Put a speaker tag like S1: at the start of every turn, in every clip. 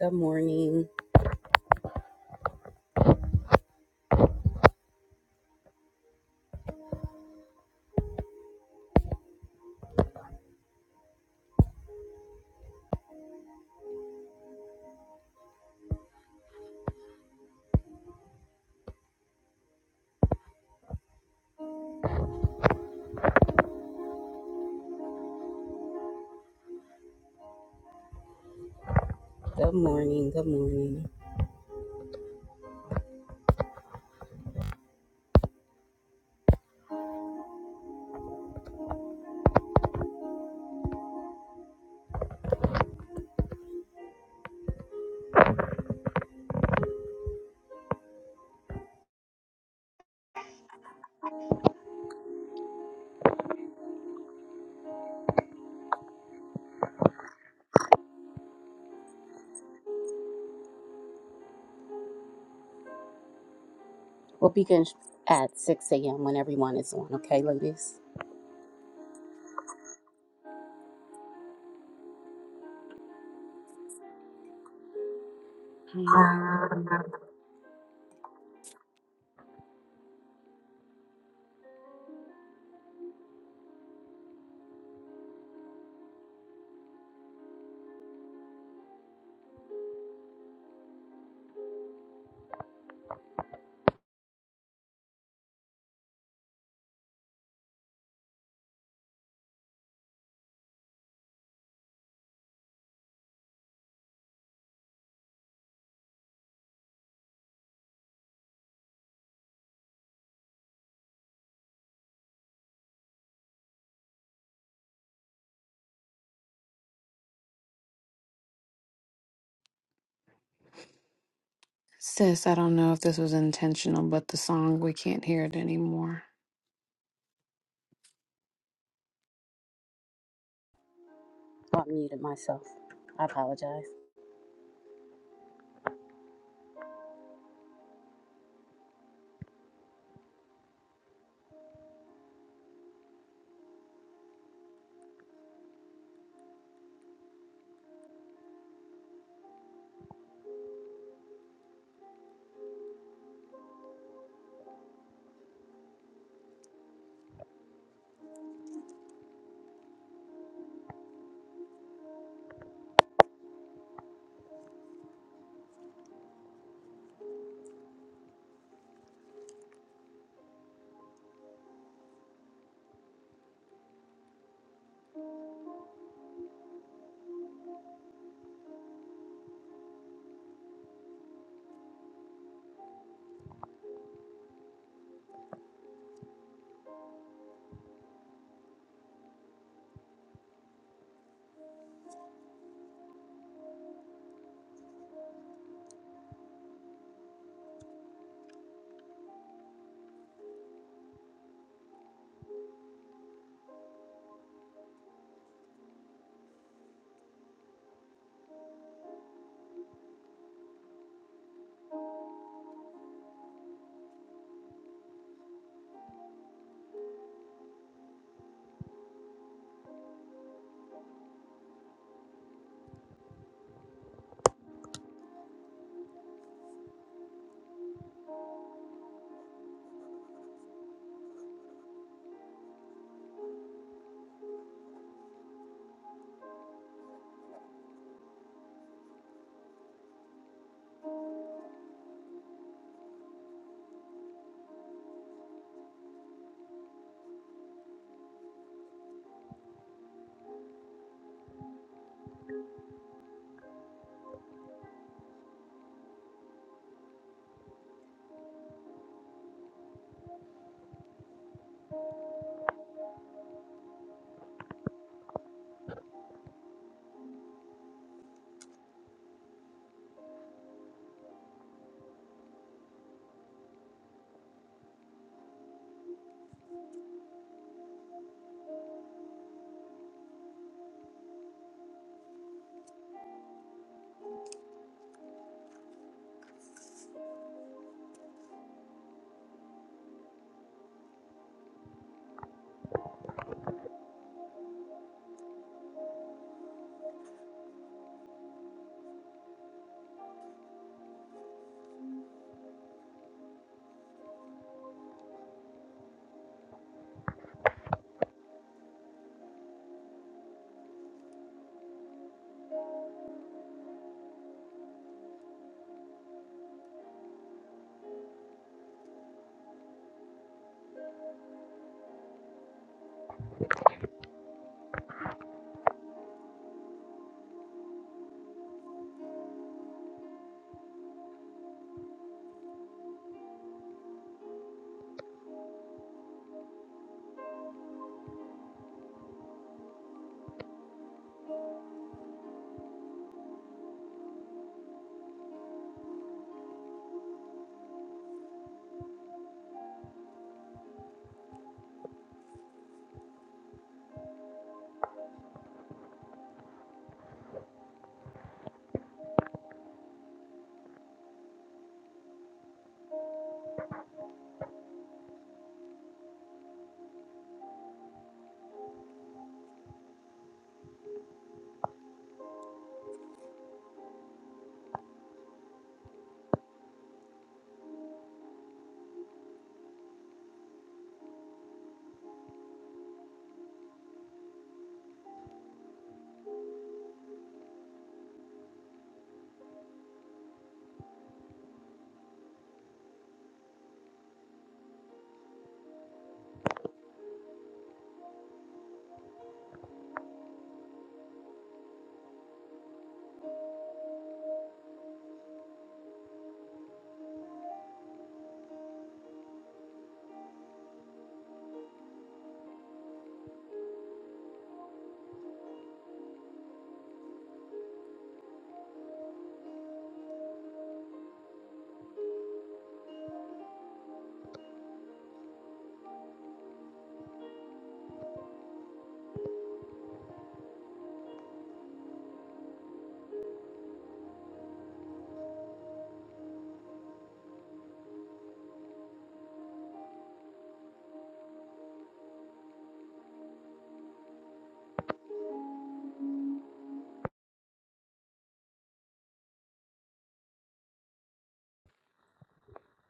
S1: Good morning. Good morning. Good morning. We'll begin sh- at 6 a.m. when everyone is on, okay, ladies?
S2: Um, sis, I don't know if this was intentional, but the song, we can't hear it anymore.
S1: Oh, I muted myself. I apologize.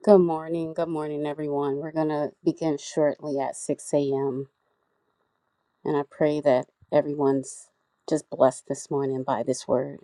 S1: Good morning. Good morning, everyone. We're going to begin shortly at 6 a.m. And I pray that everyone's just blessed this morning by this word.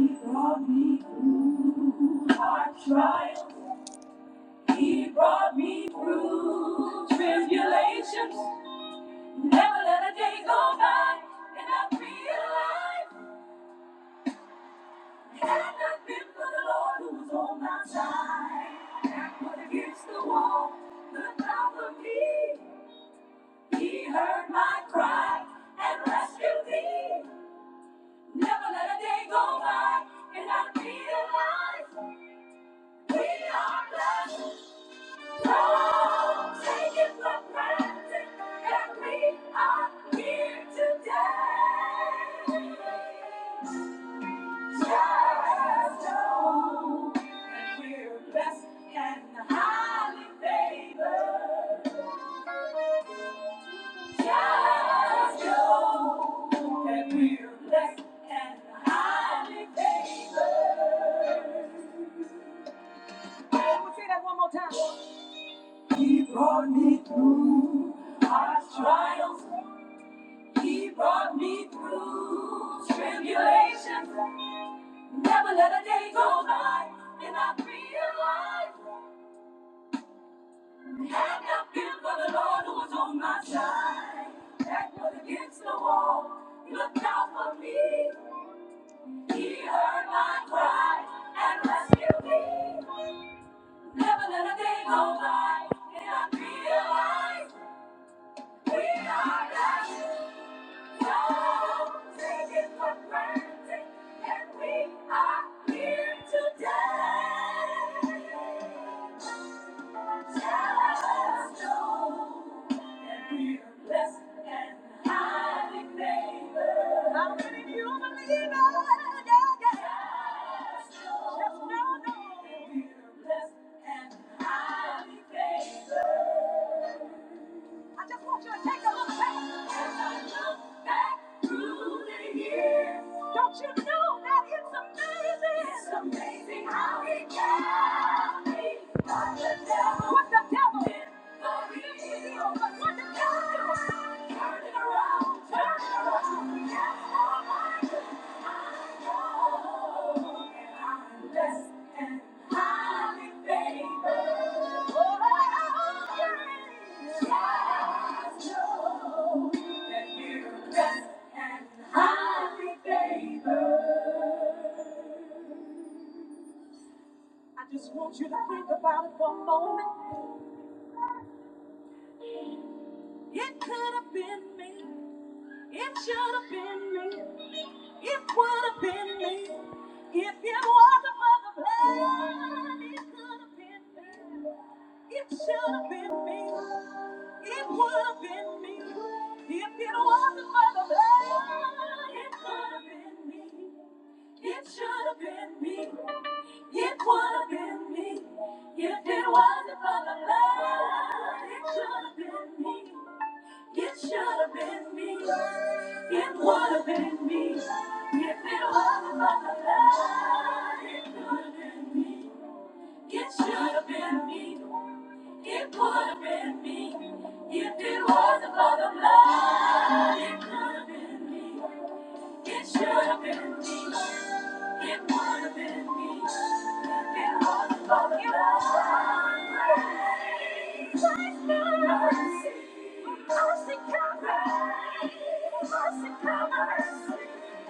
S1: He brought me through hard trials. He brought me through tribulations. Never let a day go by and I realize Had not been for the Lord who was on my side, and put against the wall, looked out for me. He heard my cry and rescued me. Never let a day go by and I realize we are blessed. Don't take it for granted that we are here today. He brought me through our trials. He brought me through tribulations. Never let a day go by and I realize Had not been for the Lord who was on my side, back was against the wall. He looked out for me. He heard my cry and rescued me. Never let a day go by, and I realize we are blessed. Don't take it for granted and we are here today. Just know that we are blessed and highly favored. How many of you believe it? Yeah, yeah. Just we are blessed and highly favored. I just want you to take a look back. As I look back through the years, don't you know that it's amazing? It's amazing how he got me. What the devil? What the devil? did for me. what the devil? Turn it around, turn it around. I just want you to think about it for a moment. It could have been me. It should have been me. It would have been me if it wasn't for the blood. It could have been me. It should have been me. It would have been me if it wasn't for the blood. It could have been me. It should have been me. It would have been me if it wasn't for the blood. It should have been me. It should have been me. It would have been me. If it wasn't for the love, it could have been me. It should have been me. It would have been me. If it wasn't for the love, it could have been me. It should have been me. It would have been me. It was not for the love. Mercy. Mercy, come back. Mercy, come mercy.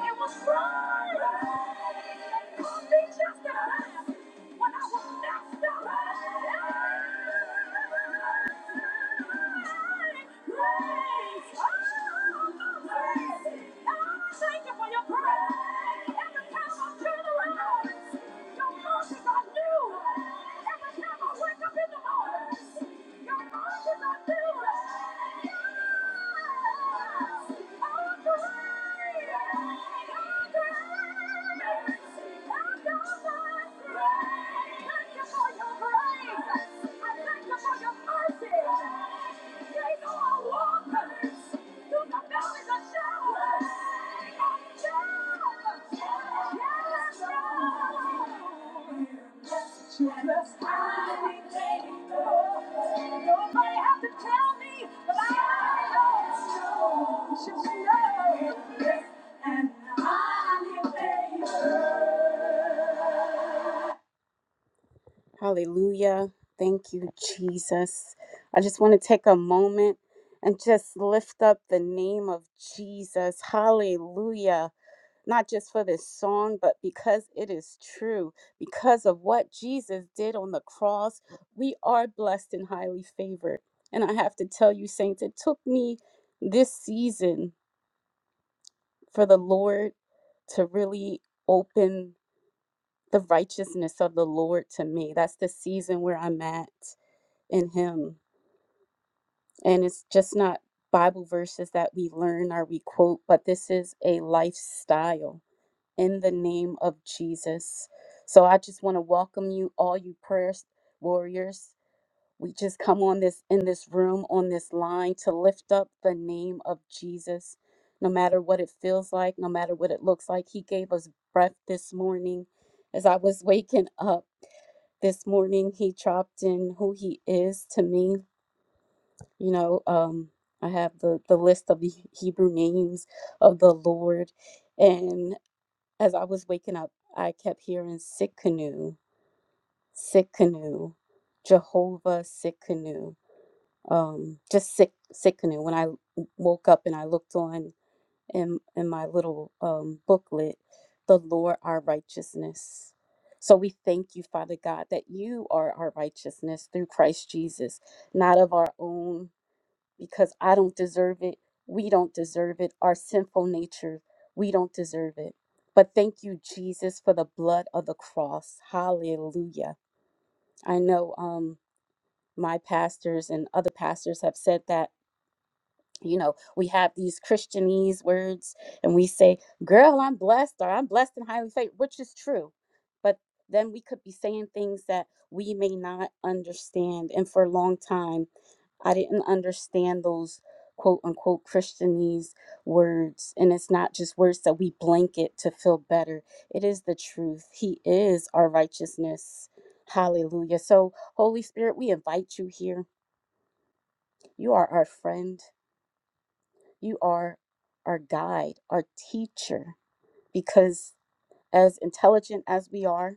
S1: It was right. It could be just a lie. When I was next to her. Thank you for your grace. Just I need to Nobody have to tell me, but I know. Just know. Yes, and I'm your baby. Hallelujah. Thank you, Jesus. I just want to take a moment and just lift up the name of Jesus. Hallelujah. Not just for this song, but because it is true. Because of what Jesus did on the cross, we are blessed and highly favored. And I have to tell you, Saints, it took me this season for the Lord to really open the righteousness of the Lord to me. That's the season where I'm at in him and it's just not bible verses that we learn or we quote but this is a lifestyle in the name of jesus so i just want to welcome you all you prayer warriors we just come on this in this room on this line to lift up the name of jesus no matter what it feels like no matter what it looks like he gave us breath this morning as i was waking up this morning he dropped in who he is to me You know, um, I have the, the list of the Hebrew names of the Lord. And as I was waking up, I kept hearing Sikkenu, Sikkenu, Jehovah Sikkenu, um, just Sik, Sikkenu. When I woke up and I looked on in, in my little um, booklet, the Lord our righteousness. So we thank you, Father God, that you are our righteousness through Christ Jesus, not of our own because I don't deserve it. We don't deserve it. Our sinful nature, we don't deserve it. But thank you, Jesus, for the blood of the cross. Hallelujah. I know um, my pastors and other pastors have said that, you know, we have these Christianese words and we say, girl, I'm blessed or I'm blessed and highly favored, which is true. But then we could be saying things that we may not understand. And for a long time, I didn't understand those quote unquote Christianese words. And it's not just words that we blanket to feel better, it is the truth. He is our righteousness. Hallelujah. So, Holy Spirit, we invite you here. You are our friend, you are our guide, our teacher, because as intelligent as we are,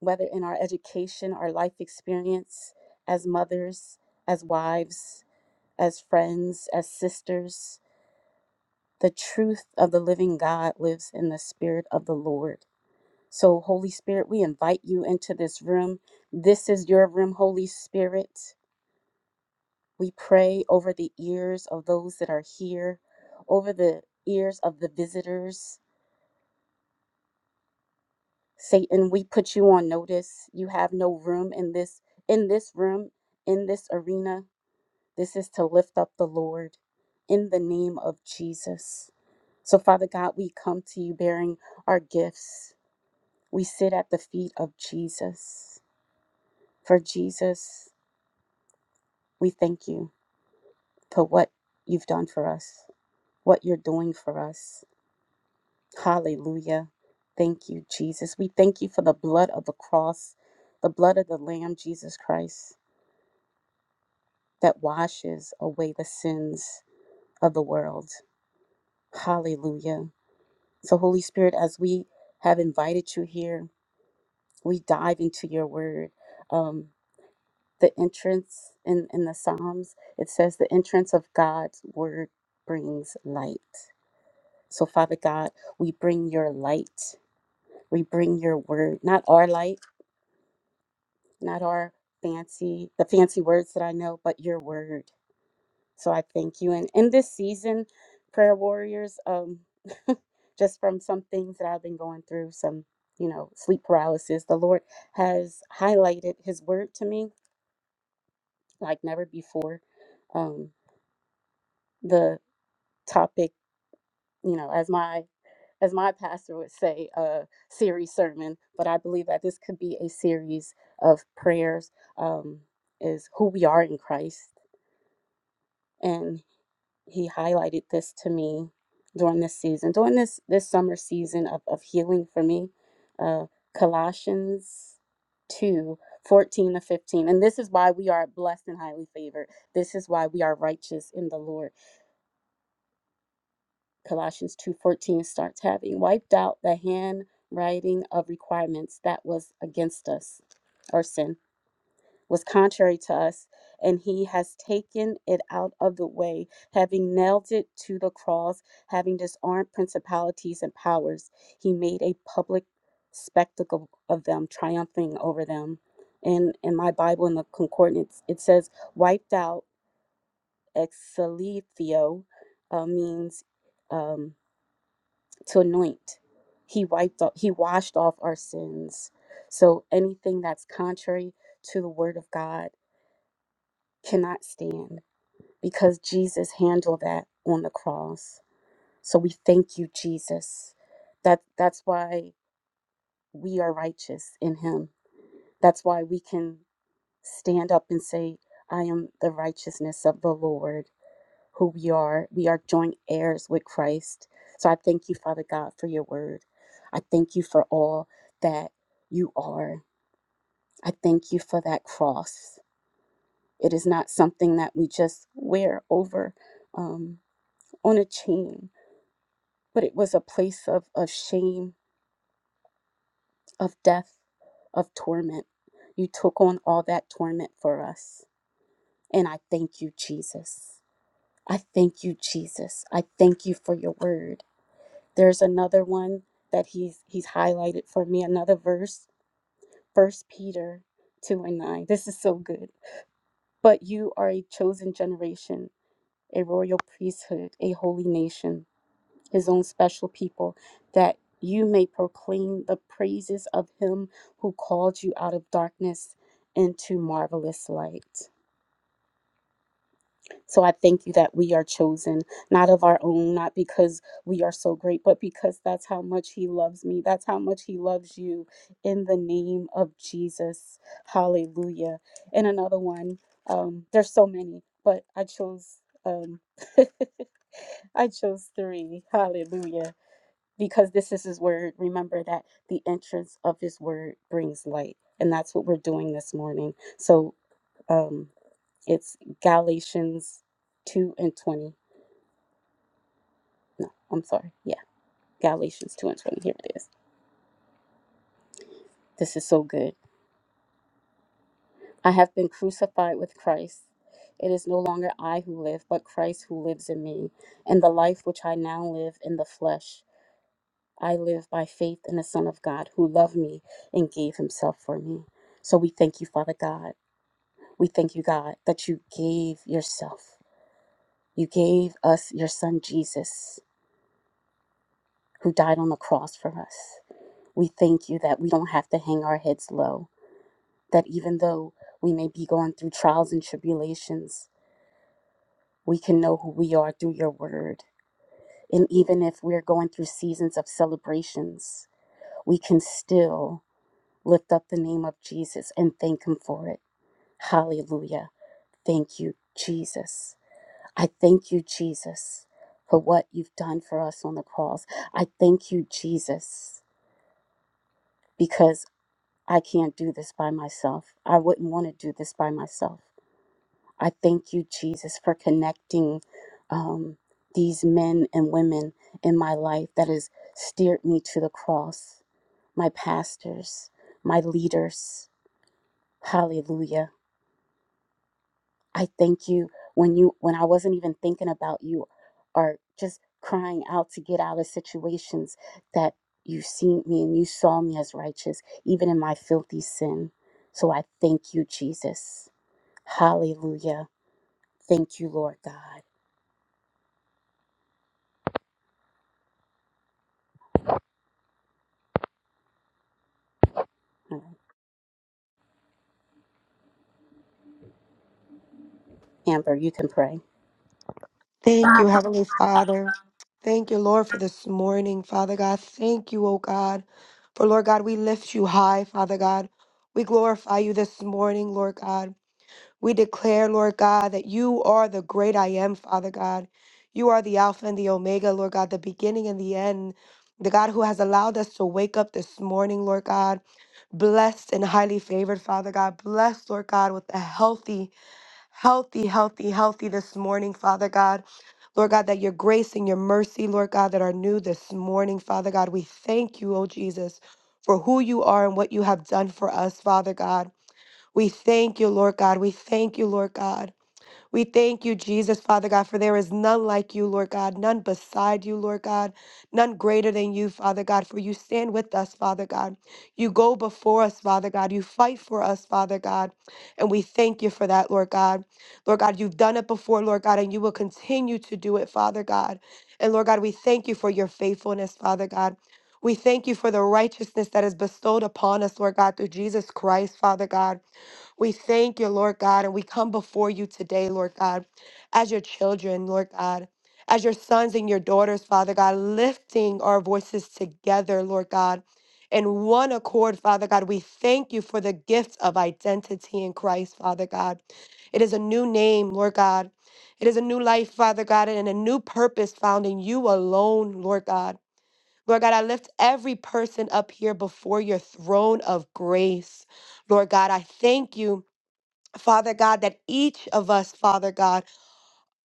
S1: whether in our education, our life experience, as mothers, as wives, as friends, as sisters, The truth of the living God lives in the Spirit of the Lord. So, Holy Spirit, we invite you into this room. This is your room, Holy Spirit. We pray over the ears of those that are here, over the ears of the visitors. Satan, we put you on notice. You have no room in this in this room, in this arena. This is to lift up the Lord in the name of Jesus. So, Father God, we come to you bearing our gifts We sit at the feet of Jesus. For Jesus, we thank you for what you've done for us, what you're doing for us. Hallelujah. Thank you, Jesus. We thank you for the blood of the cross, the blood of the Lamb, Jesus Christ, that washes away the sins of the world. Hallelujah. So, Holy Spirit, as we have invited you here, we dive into your word. Um, the entrance in, in the Psalms, it says, The entrance of God's word brings light. So, Father God, we bring your light. We bring your word, not our light, not our fancy, the fancy words that I know, but your word. So I thank you. And in this season, prayer warriors, um, just from some things that I've been going through, some, you know, sleep paralysis, the Lord has highlighted his word to me like never before. Um, the topic, you know, as my as my pastor would say, a series sermon. But I believe that this could be a series of prayers. Um, is who we are in Christ, and he highlighted this to me during this season, during this this summer season of of healing for me. Uh, Colossians two fourteen 14 to 15 and this is why we are blessed and highly favored this is why we are righteous in the lord Colossians 2:14 starts having wiped out the handwriting of requirements that was against us or sin was contrary to us and he has taken it out of the way having nailed it to the cross having disarmed principalities and powers he made a public spectacle of them triumphing over them and in my bible in the concordance it says wiped out exalithio uh, means um, to anoint. He wiped off, he washed off our sins. So anything that's contrary to the word of God cannot stand because Jesus handled that on the cross. So we thank you, Jesus. That that's why we are righteous in him. That's why we can stand up and say, I am the righteousness of the Lord. who we are. We are joint heirs with Christ. So I thank you, Father God, for your word. I thank you for all that you are. I thank you for that cross. It is not something that we just wear over um, on a chain, but it was a place of, of shame, of death, of torment. You took on all that torment for us. And I thank you, Jesus. I thank you, Jesus. I thank you for your word. There's another one that he's he's highlighted for me, another verse, First Peter 2 and 9. This is so good. But you are a chosen generation, a royal priesthood, a holy nation, his own special people, that you may proclaim the praises of him who called you out of darkness into marvelous light. So I thank you that we are chosen, not of our own, not because we are so great, but because that's how much He loves me. That's how much He loves you. In the name of Jesus. Hallelujah. And another one, um, there's so many, but I chose. Um, I chose three. Hallelujah. Because this is his word. Remember that the entrance of his word brings light. And that's what we're doing this morning. So, um, it's Galatians 2 and 20. No, I'm sorry. Yeah, Galatians 2 and 20. Here it is. This is so good. I have been crucified with Christ. It is no longer I who live, but Christ who lives in me. And the life which I now live in the flesh, I live by faith in the Son of God who loved me and gave himself for me. So we thank you, Father God. We thank you, God, that you gave yourself. You gave us your Son Jesus, who died on the cross for us. We thank you that we don't have to hang our heads low, that even though we may be going through trials and tribulations, we can know who we are through your word. And even if we're going through seasons of celebrations, we can still lift up the name of Jesus and thank him for it. Hallelujah. Thank you, Jesus. I thank you, Jesus, for what you've done for us on the cross. I thank you, Jesus, because I can't do this by myself. I wouldn't want to do this by myself. I thank you, Jesus, for connecting um, these men and women in my life that has steered me to the cross, my pastors, my leaders. Hallelujah. I thank you when you when I wasn't even thinking about you or just crying out to get out of situations that you seen me and you saw me as righteous even in my filthy sin. So I thank you Jesus. Hallelujah. Thank you Lord God. All right. Amber, you can pray.
S3: Thank you, Heavenly Father. Thank you, Lord, for this morning, Father God. Thank you, oh God. For Lord God, we lift you high, Father God. We glorify you this morning, Lord God. We declare, Lord God, that you are the great I am, Father God. You are the Alpha and the Omega, Lord God, the beginning and the end, the God who has allowed us to wake up this morning, Lord God blessed and highly favored, Father God. Blessed, Lord God, with a healthy healthy, healthy, healthy this morning, Father God. Lord God, that your grace and your mercy, Lord God, that are new this morning, Father God. We thank you, oh Jesus, for who you are and what you have done for us, Father God. We thank you, Lord God. We thank you, Lord God. We thank you, Jesus, Father God, for there is none like you, Lord God, none beside you, Lord God, none greater than you, Father God, for you stand with us, Father God. You go before us, Father God. You fight for us, Father God. And we thank you for that, Lord God. Lord God, you've done it before, Lord God, and you will continue to do it, Father God. And Lord God, we thank you for your faithfulness, Father God. We thank you for the righteousness that is bestowed upon us, Lord God, through Jesus Christ, Father God. We thank you, Lord God, and we come before you today, Lord God, as your children, Lord God, as your sons and your daughters, Father God, lifting our voices together, Lord God. In one accord, Father God, we thank you for the gift of identity in Christ, Father God. It is a new name, Lord God. It is a new life, Father God, and a new purpose found in you alone, Lord God. Lord God, I lift every person up here before your throne of grace. Lord God, I thank you Father God, that each of us, Father God,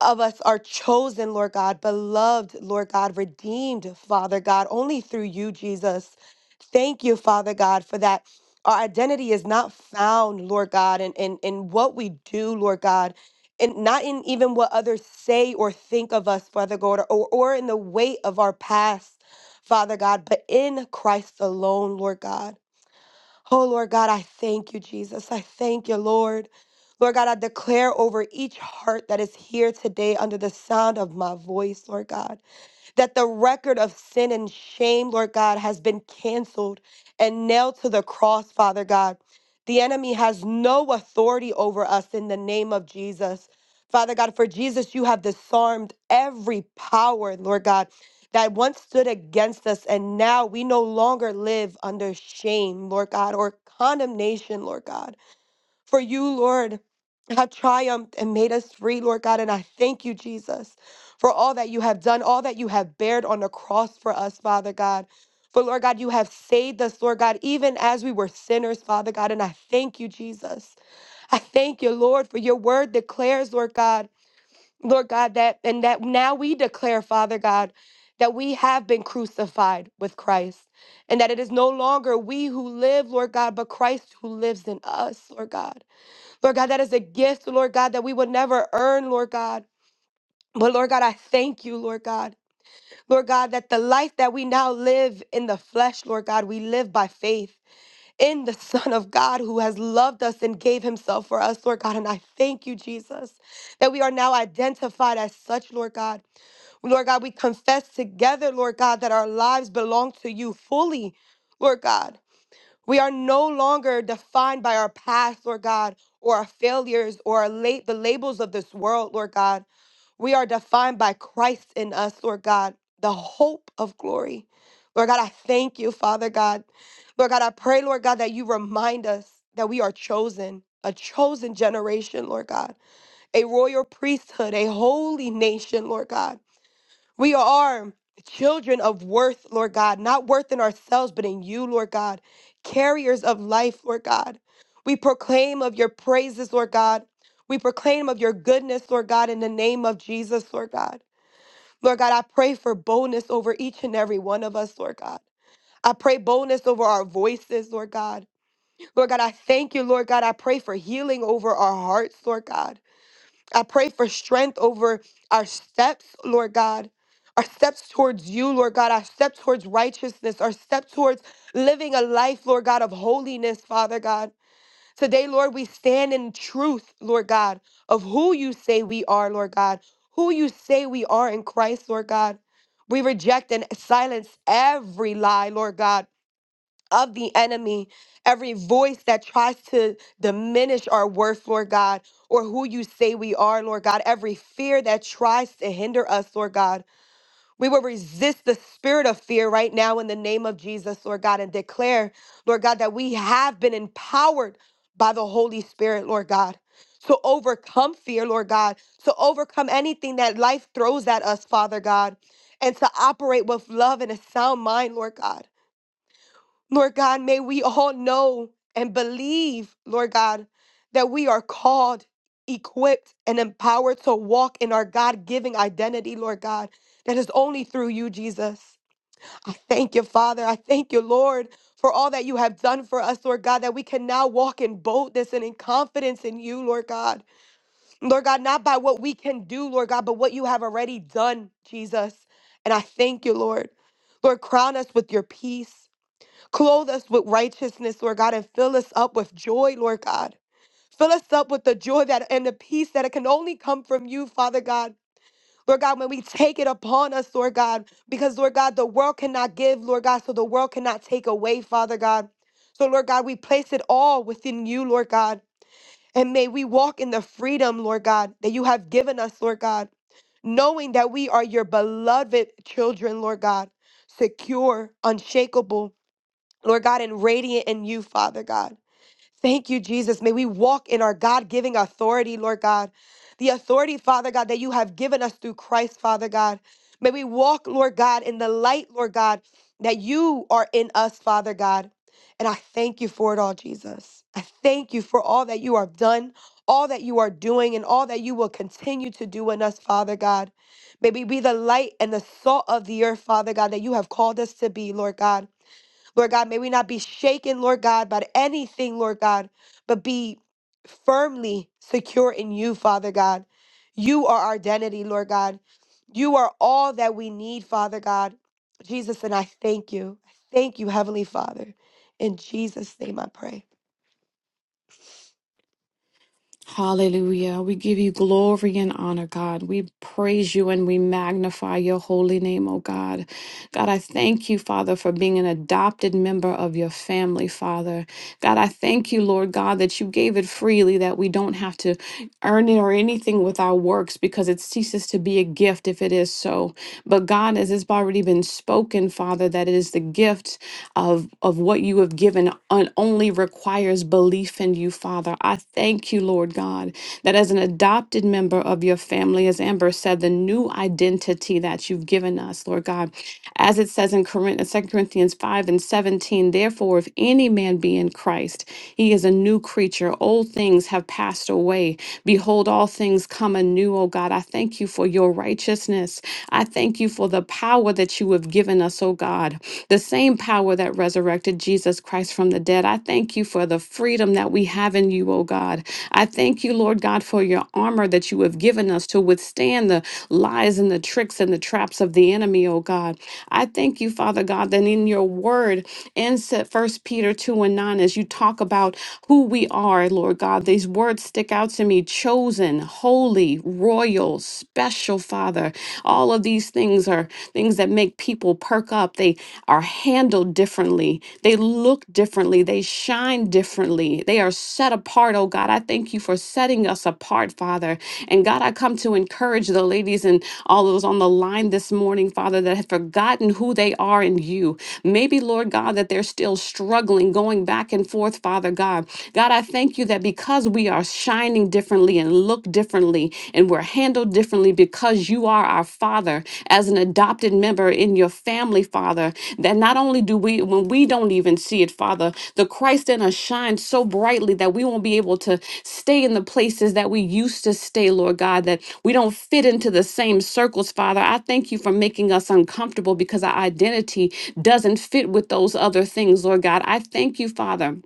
S3: of us are chosen, Lord God, beloved, Lord God, redeemed, Father God, only through you, Jesus. Thank you, Father God, for that. Our identity is not found, Lord God, in, in, in what we do, Lord God, and not in even what others say or think of us, Father God, or, or in the weight of our past, Father God, but in Christ alone, Lord God. Oh, Lord God, I thank you, Jesus. I thank you, Lord. Lord God, I declare over each heart that is here today under the sound of my voice, Lord God that the record of sin and shame, Lord God, has been canceled and nailed to the cross, Father God. The enemy has no authority over us in the name of Jesus. Father God, for Jesus, you have disarmed every power, Lord God, that once stood against us, and now we no longer live under shame, Lord God, or condemnation, Lord God. For you, Lord, have triumphed and made us free, Lord God. And I thank you, Jesus, for all that you have done, all that you have bared on the cross for us, Father God. For Lord God, you have saved us, Lord God, even as we were sinners, Father God. And I thank you, Jesus. I thank you, Lord, for your word declares, Lord God, Lord God, that and that now we declare, Father God, that we have been crucified with Christ and that it is no longer we who live, Lord God, but Christ who lives in us, Lord God. Lord God, that is a gift, Lord God, that we would never earn, Lord God. But Lord God, I thank you, Lord God. Lord God, that the life that we now live in the flesh, Lord God, we live by faith in the Son of God who has loved us and gave himself for us, Lord God. And I thank you, Jesus, that we are now identified as such, Lord God. Lord God, we confess together, Lord God, that our lives belong to you fully, Lord God. We are no longer defined by our past, Lord God, or our failures or our late, the labels of this world, Lord God. We are defined by Christ in us, Lord God, the hope of glory. Lord God, I thank you, Father God. Lord God, I pray, Lord God, that you remind us that we are chosen, a chosen generation, Lord God, a royal priesthood, a holy nation, Lord God. We are children of worth, Lord God, not worth in ourselves, but in you, Lord God, carriers of life, Lord God. We proclaim of your praises, Lord God. We proclaim of your goodness, Lord God, in the name of Jesus, Lord God. Lord God, I pray for boldness over each and every one of us, Lord God. I pray boldness over our voices, Lord God. Lord God, I thank you, Lord God. I pray for healing over our hearts, Lord God. I pray for strength over our steps, Lord God. Our steps towards you, Lord God, our step towards righteousness, our step towards living a life, Lord God, of holiness, Father God. Today, Lord, we stand in truth, Lord God, of who you say we are, Lord God, who you say we are in Christ, Lord God. We reject and silence every lie, Lord God of the enemy, every voice that tries to diminish our worth, Lord God, or who you say we are, Lord God, every fear that tries to hinder us, Lord God. We will resist the spirit of fear right now in the name of Jesus, Lord God, and declare, Lord God, that we have been empowered by the Holy Spirit, Lord God. To overcome fear, Lord God, to overcome anything that life throws at us, Father God, and to operate with love and a sound mind, Lord God. Lord God, may we all know and believe, Lord God, that we are called, equipped, and empowered to walk in our God giving identity, Lord God, that is only through you, Jesus. I thank you, Father. I thank you, Lord, for all that you have done for us, Lord God, that we can now walk in boldness and in confidence in you, Lord God. Lord God, not by what we can do, Lord God, but what you have already done, Jesus. And I thank you, Lord. Lord, crown us with your peace. Clothe us with righteousness, Lord God, and fill us up with joy, Lord God. Fill us up with the joy that and the peace that it can only come from you, Father God. Lord God, when we take it upon us, Lord God, because Lord God, the world cannot give, Lord God, so the world cannot take away, Father God. So, Lord God, we place it all within you, Lord God. And may we walk in the freedom, Lord God, that you have given us, Lord God, knowing that we are your beloved children, Lord God, secure, unshakable, Lord God, and radiant in you, Father God. Thank you, Jesus. May we walk in our God giving authority, Lord God. The authority, Father God, that you have given us through Christ, Father God. May we walk, Lord God, in the light, Lord God, that you are in us, Father God. And I thank you for it all, Jesus. I thank you for all that you have done, all that you are doing, and all that you will continue to do in us, Father God. May we be the light and the salt of the earth, Father God, that you have called us to be, Lord God. Lord God, may we not be shaken, Lord God, by anything, Lord God, but be firmly secure in you, Father God. You are our identity, Lord God. You are all that we need, Father God. Jesus, and I thank you. I thank you, Heavenly Father. In Jesus' name I pray.
S2: Hallelujah. We give you glory and honor, God. We praise you and we magnify your holy name, oh God. God, I thank you, Father, for being an adopted member of your family, Father. God, I thank you, Lord God, that you gave it freely, that we don't have to. earning or anything with our works because it ceases to be a gift if it is so. But God, as it's already been spoken, Father, that it is the gift of, of what you have given and only requires belief in you, Father. I thank you, Lord God, that as an adopted member of your family, as Amber said, the new identity that you've given us, Lord God, as it says in Corinth, 2 Corinthians 5 and 17, therefore, if any man be in Christ, he is a new creature. Old things have passed passed away. Behold, all things come anew, O God. I thank you for your righteousness. I thank you for the power that you have given us, O God, the same power that resurrected Jesus Christ from the dead. I thank you for the freedom that we have in you, O God. I thank you, Lord God, for your armor that you have given us to withstand the lies and the tricks and the traps of the enemy, O God. I thank you, Father God, that in your word, in First Peter 2 and 9, as you talk about who we are. Lord God. These words stick out to me chosen, holy, royal, special, Father. All of these things are things that make people perk up. They are handled differently, they look differently, they shine differently, they are set apart, oh God. I thank you for setting us apart, Father. And God, I come to encourage the ladies and all those on the line this morning, Father, that have forgotten who they are in you. Maybe, Lord God, that they're still struggling, going back and forth, Father God. God, I thank you that because we are shining differently and look differently and we're handled differently because you are our Father as an adopted member in your family, Father, that not only do we, when we don't even see it, Father, the Christ in us shines so brightly that we won't be able to stay in the places that we used to stay, Lord God, that we don't fit into the same circles, Father. I thank you for making us uncomfortable because our identity doesn't fit with those other things, Lord God. I thank you, Father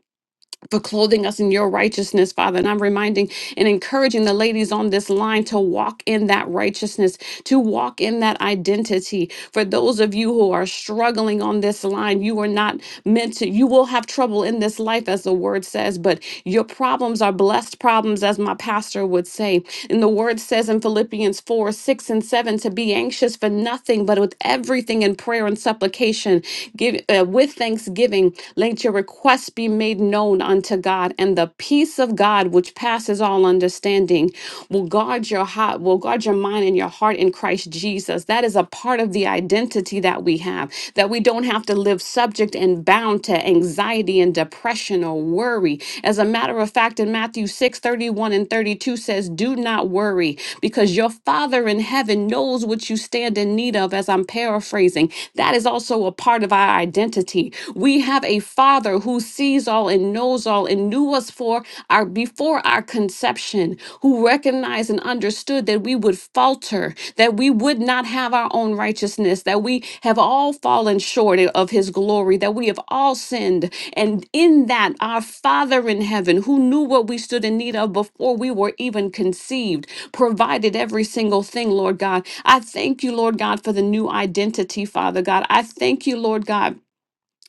S2: for clothing us in your righteousness, Father. And I'm reminding and encouraging the ladies on this line to walk in that righteousness, to walk in that identity. For those of you who are struggling on this line, you are not meant to, you will have trouble in this life, as the word says, but your problems are blessed problems, as my pastor would say. And the word says in Philippians 4 6 and 7 to be anxious for nothing, but with everything in prayer and supplication, give uh, with thanksgiving, let your requests requests be made known unto God, and the peace of God, which passes all understanding, will guard your heart, will guard your mind and your heart in Christ Jesus. That is a part of the identity that we have, that we don't have to live subject and bound to anxiety and depression or worry. As a matter of fact, in Matthew 6 31 and 32 says, Do not worry, because your Father in heaven knows what you stand in need of, as I'm paraphrasing. That is also a part of our identity. We have have a father who sees all and knows all and knew us for our before our conception, who recognized and understood that we would falter, that we would not have our own righteousness, that we have all fallen short of his glory, that we have all sinned. And in that, our Father in heaven, who knew what we stood in need of before we were even conceived, provided every single thing, Lord God. I thank you, Lord God, for the new identity, Father God. I thank you, Lord God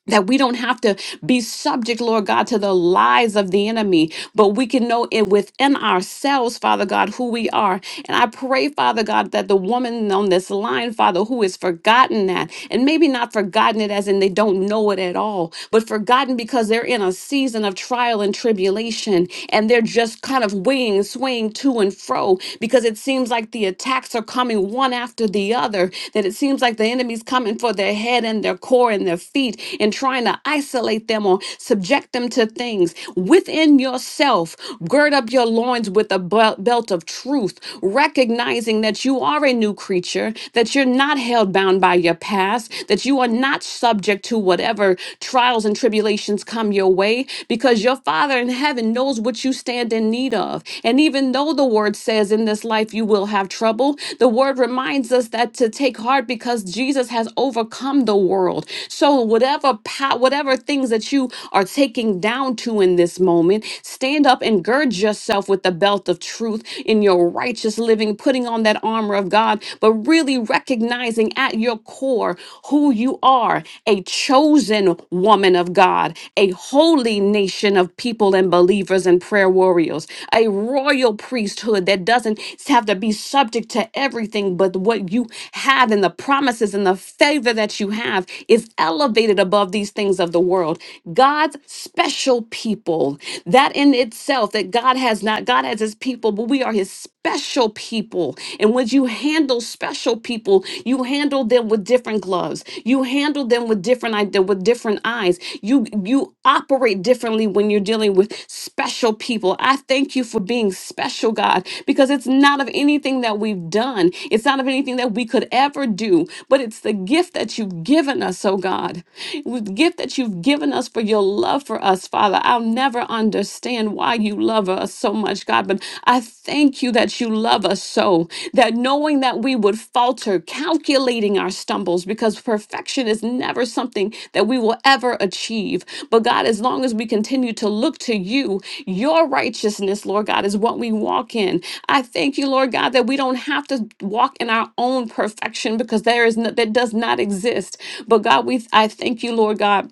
S2: that we don't have to be subject, Lord God, to the lies of the enemy, but we can know it within ourselves, Father God, who we are. And I pray, Father God, that the woman on this line, Father, who has forgotten that, and maybe not forgotten it as in they don't know it at all, but forgotten because they're in a season of trial and tribulation and they're just kind of winging, swaying to and fro because it seems like the attacks are coming one one after the other, that it seems like the enemy's coming for their head and their core and their feet and trying to isolate them or subject them to things. Within yourself, gird up your loins with a bel- belt of truth, recognizing that you are a new creature, that you're not held bound by your past, that you are not subject to whatever trials and tribulations come your way, because your Father in heaven knows what you stand in stand in need of. And even though the word says in this life you will have trouble, the word reminds us that to take heart because Jesus has overcome the world. So whatever pow- whatever things that you are taking down to in this moment, stand up and gird yourself with the belt of truth in your righteous living, putting on that armor of God, but really recognizing at your core who you are, a chosen nation, woman of God, a holy nation of people and believers and prayer warriors, a royal priesthood that doesn't have to be subject to everything but what you have and the promises and the favor that you have is elevated above these things of the world. God's special people, that in itself, that God has not, God has his people, but we are his special people. And when you handle special people, you handle them with different gloves. You handle them with different ide- with different eyes. You you operate differently when you're dealing with special people. I thank you for being special, God, because it's not of anything that we've done. It's not of anything that we could ever do, but it's the gift that you've given us, oh God. With the gift that you've given us for your love for us, Father. I'll never understand understand why you love us so much, God, but I thank you that you love us so, that knowing that we would falter, calculating our stumbles, because perfection is never something that we will ever achieve. But God, as long as we continue to look to you, your righteousness, Lord God, is what we walk in. I thank you, Lord God, that we don't have to walk in our own perfection because there is no, that does not exist. But God, we I thank you, Lord God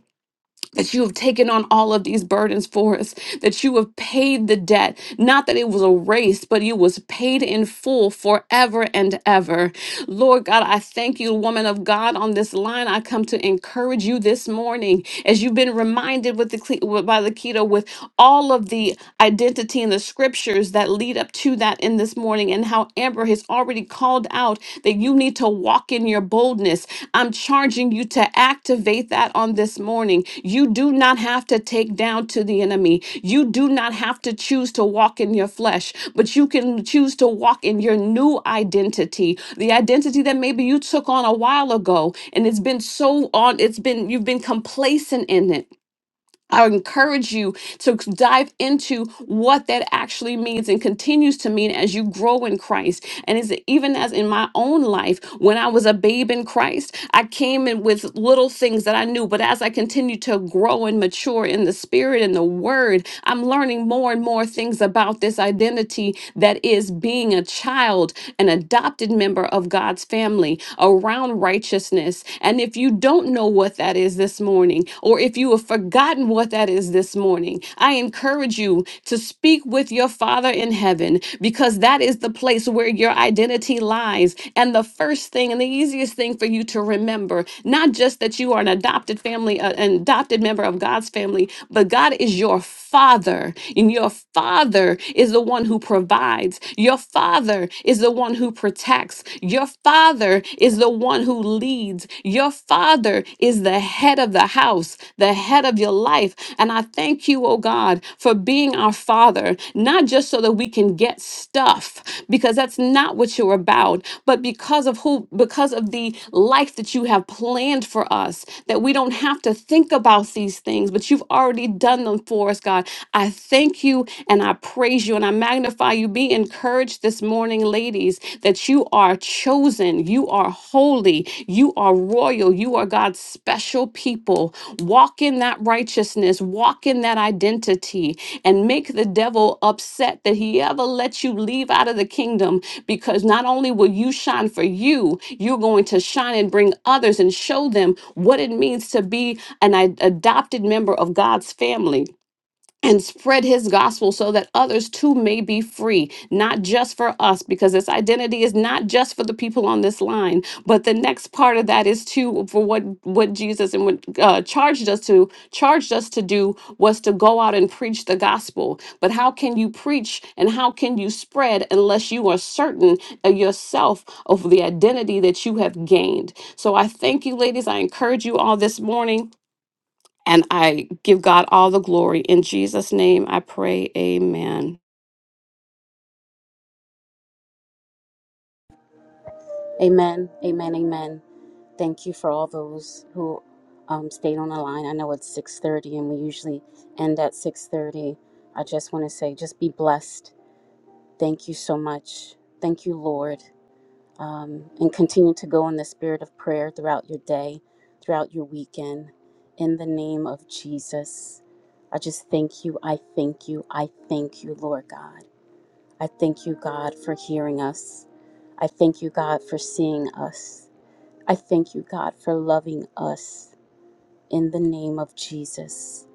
S2: that you have taken on all of these burdens for us, that you have paid the debt, not that it was erased, but it was paid in full forever and ever. Lord God, I thank you, woman of God, on this line. I come to encourage you this morning as you've been reminded with the Cle- with- by the keto with all of the identity and the scriptures that lead up to that in this morning and how Amber has already called out that you need to walk in your boldness. I'm charging challenging you to activate that on this morning. You do not have to take down to the enemy. You do not have to choose to walk in your flesh, but you can choose to walk in your new identity, the identity that maybe you took on a while ago and it's been so on, it's been, you've been complacent in it I encourage you to c- dive into what that actually means and continues to mean as you grow in Christ. And is even as in my own life, when I was a babe in Christ, I came in with little things that I knew. But as I continue to grow and mature in the spirit and the word, I'm learning more and more things about this identity that is being a child, an adopted member of God's family around righteousness. And if you you don't know what that is this morning, or if you have forgotten what that is this morning, I encourage you to speak with your Father in heaven because that is the place where your identity lies. And the first thing and the easiest thing for you to remember, not just that you are an adopted family, uh, an adopted member of God's family, but God is your Father. And your Father is the one who provides, your Father is the one who protects, works. Your father is the one who leads. Your father is the head of the house, the head of your life. And I thank you, oh God, for being our father, not just so that we can get stuff, because that's not what you're about, but because of who, because of the life that you have planned for us, that we don't have to think about these things, but you've already done them for us, God. I thank you and I praise you and I magnify magnify you. Be encouraged this morning, ladies, that you are chosen, you are holy, you are royal, you are God's special people. Walk in that righteousness, walk in that identity, and make the devil upset that he ever let you leave out of the kingdom because not only will you shine for you, you're going to shine and bring others and show them what it means to be an ad- adopted member of God's family and spread his gospel so that others too may be free, not just for us, because this identity is not just for the people on this line, but the next part of that is too for what what Jesus and what uh, charged us to charged us to do was to go out and preach the gospel. But how can you preach and how can you spread unless you are certain of yourself of the identity that you have gained? So I thank you, ladies. I encourage you all this morning and I give God all the glory. In Jesus' name I pray, amen.
S1: Amen. Amen. Amen. Thank you for all those who um, stayed on the line. I know it's 6:30 and we usually end at 6:30. I just want to say just be blessed Thank you so much. Thank you, Lord. Um, and continue to go in the spirit of prayer throughout your day, throughout your weekend. In the name of Jesus, I just thank you. I thank you. I thank you, Lord God. I thank you, God, for hearing us. I thank you, God, for seeing us. I thank you, God, for loving us. In the name of Jesus,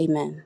S1: amen.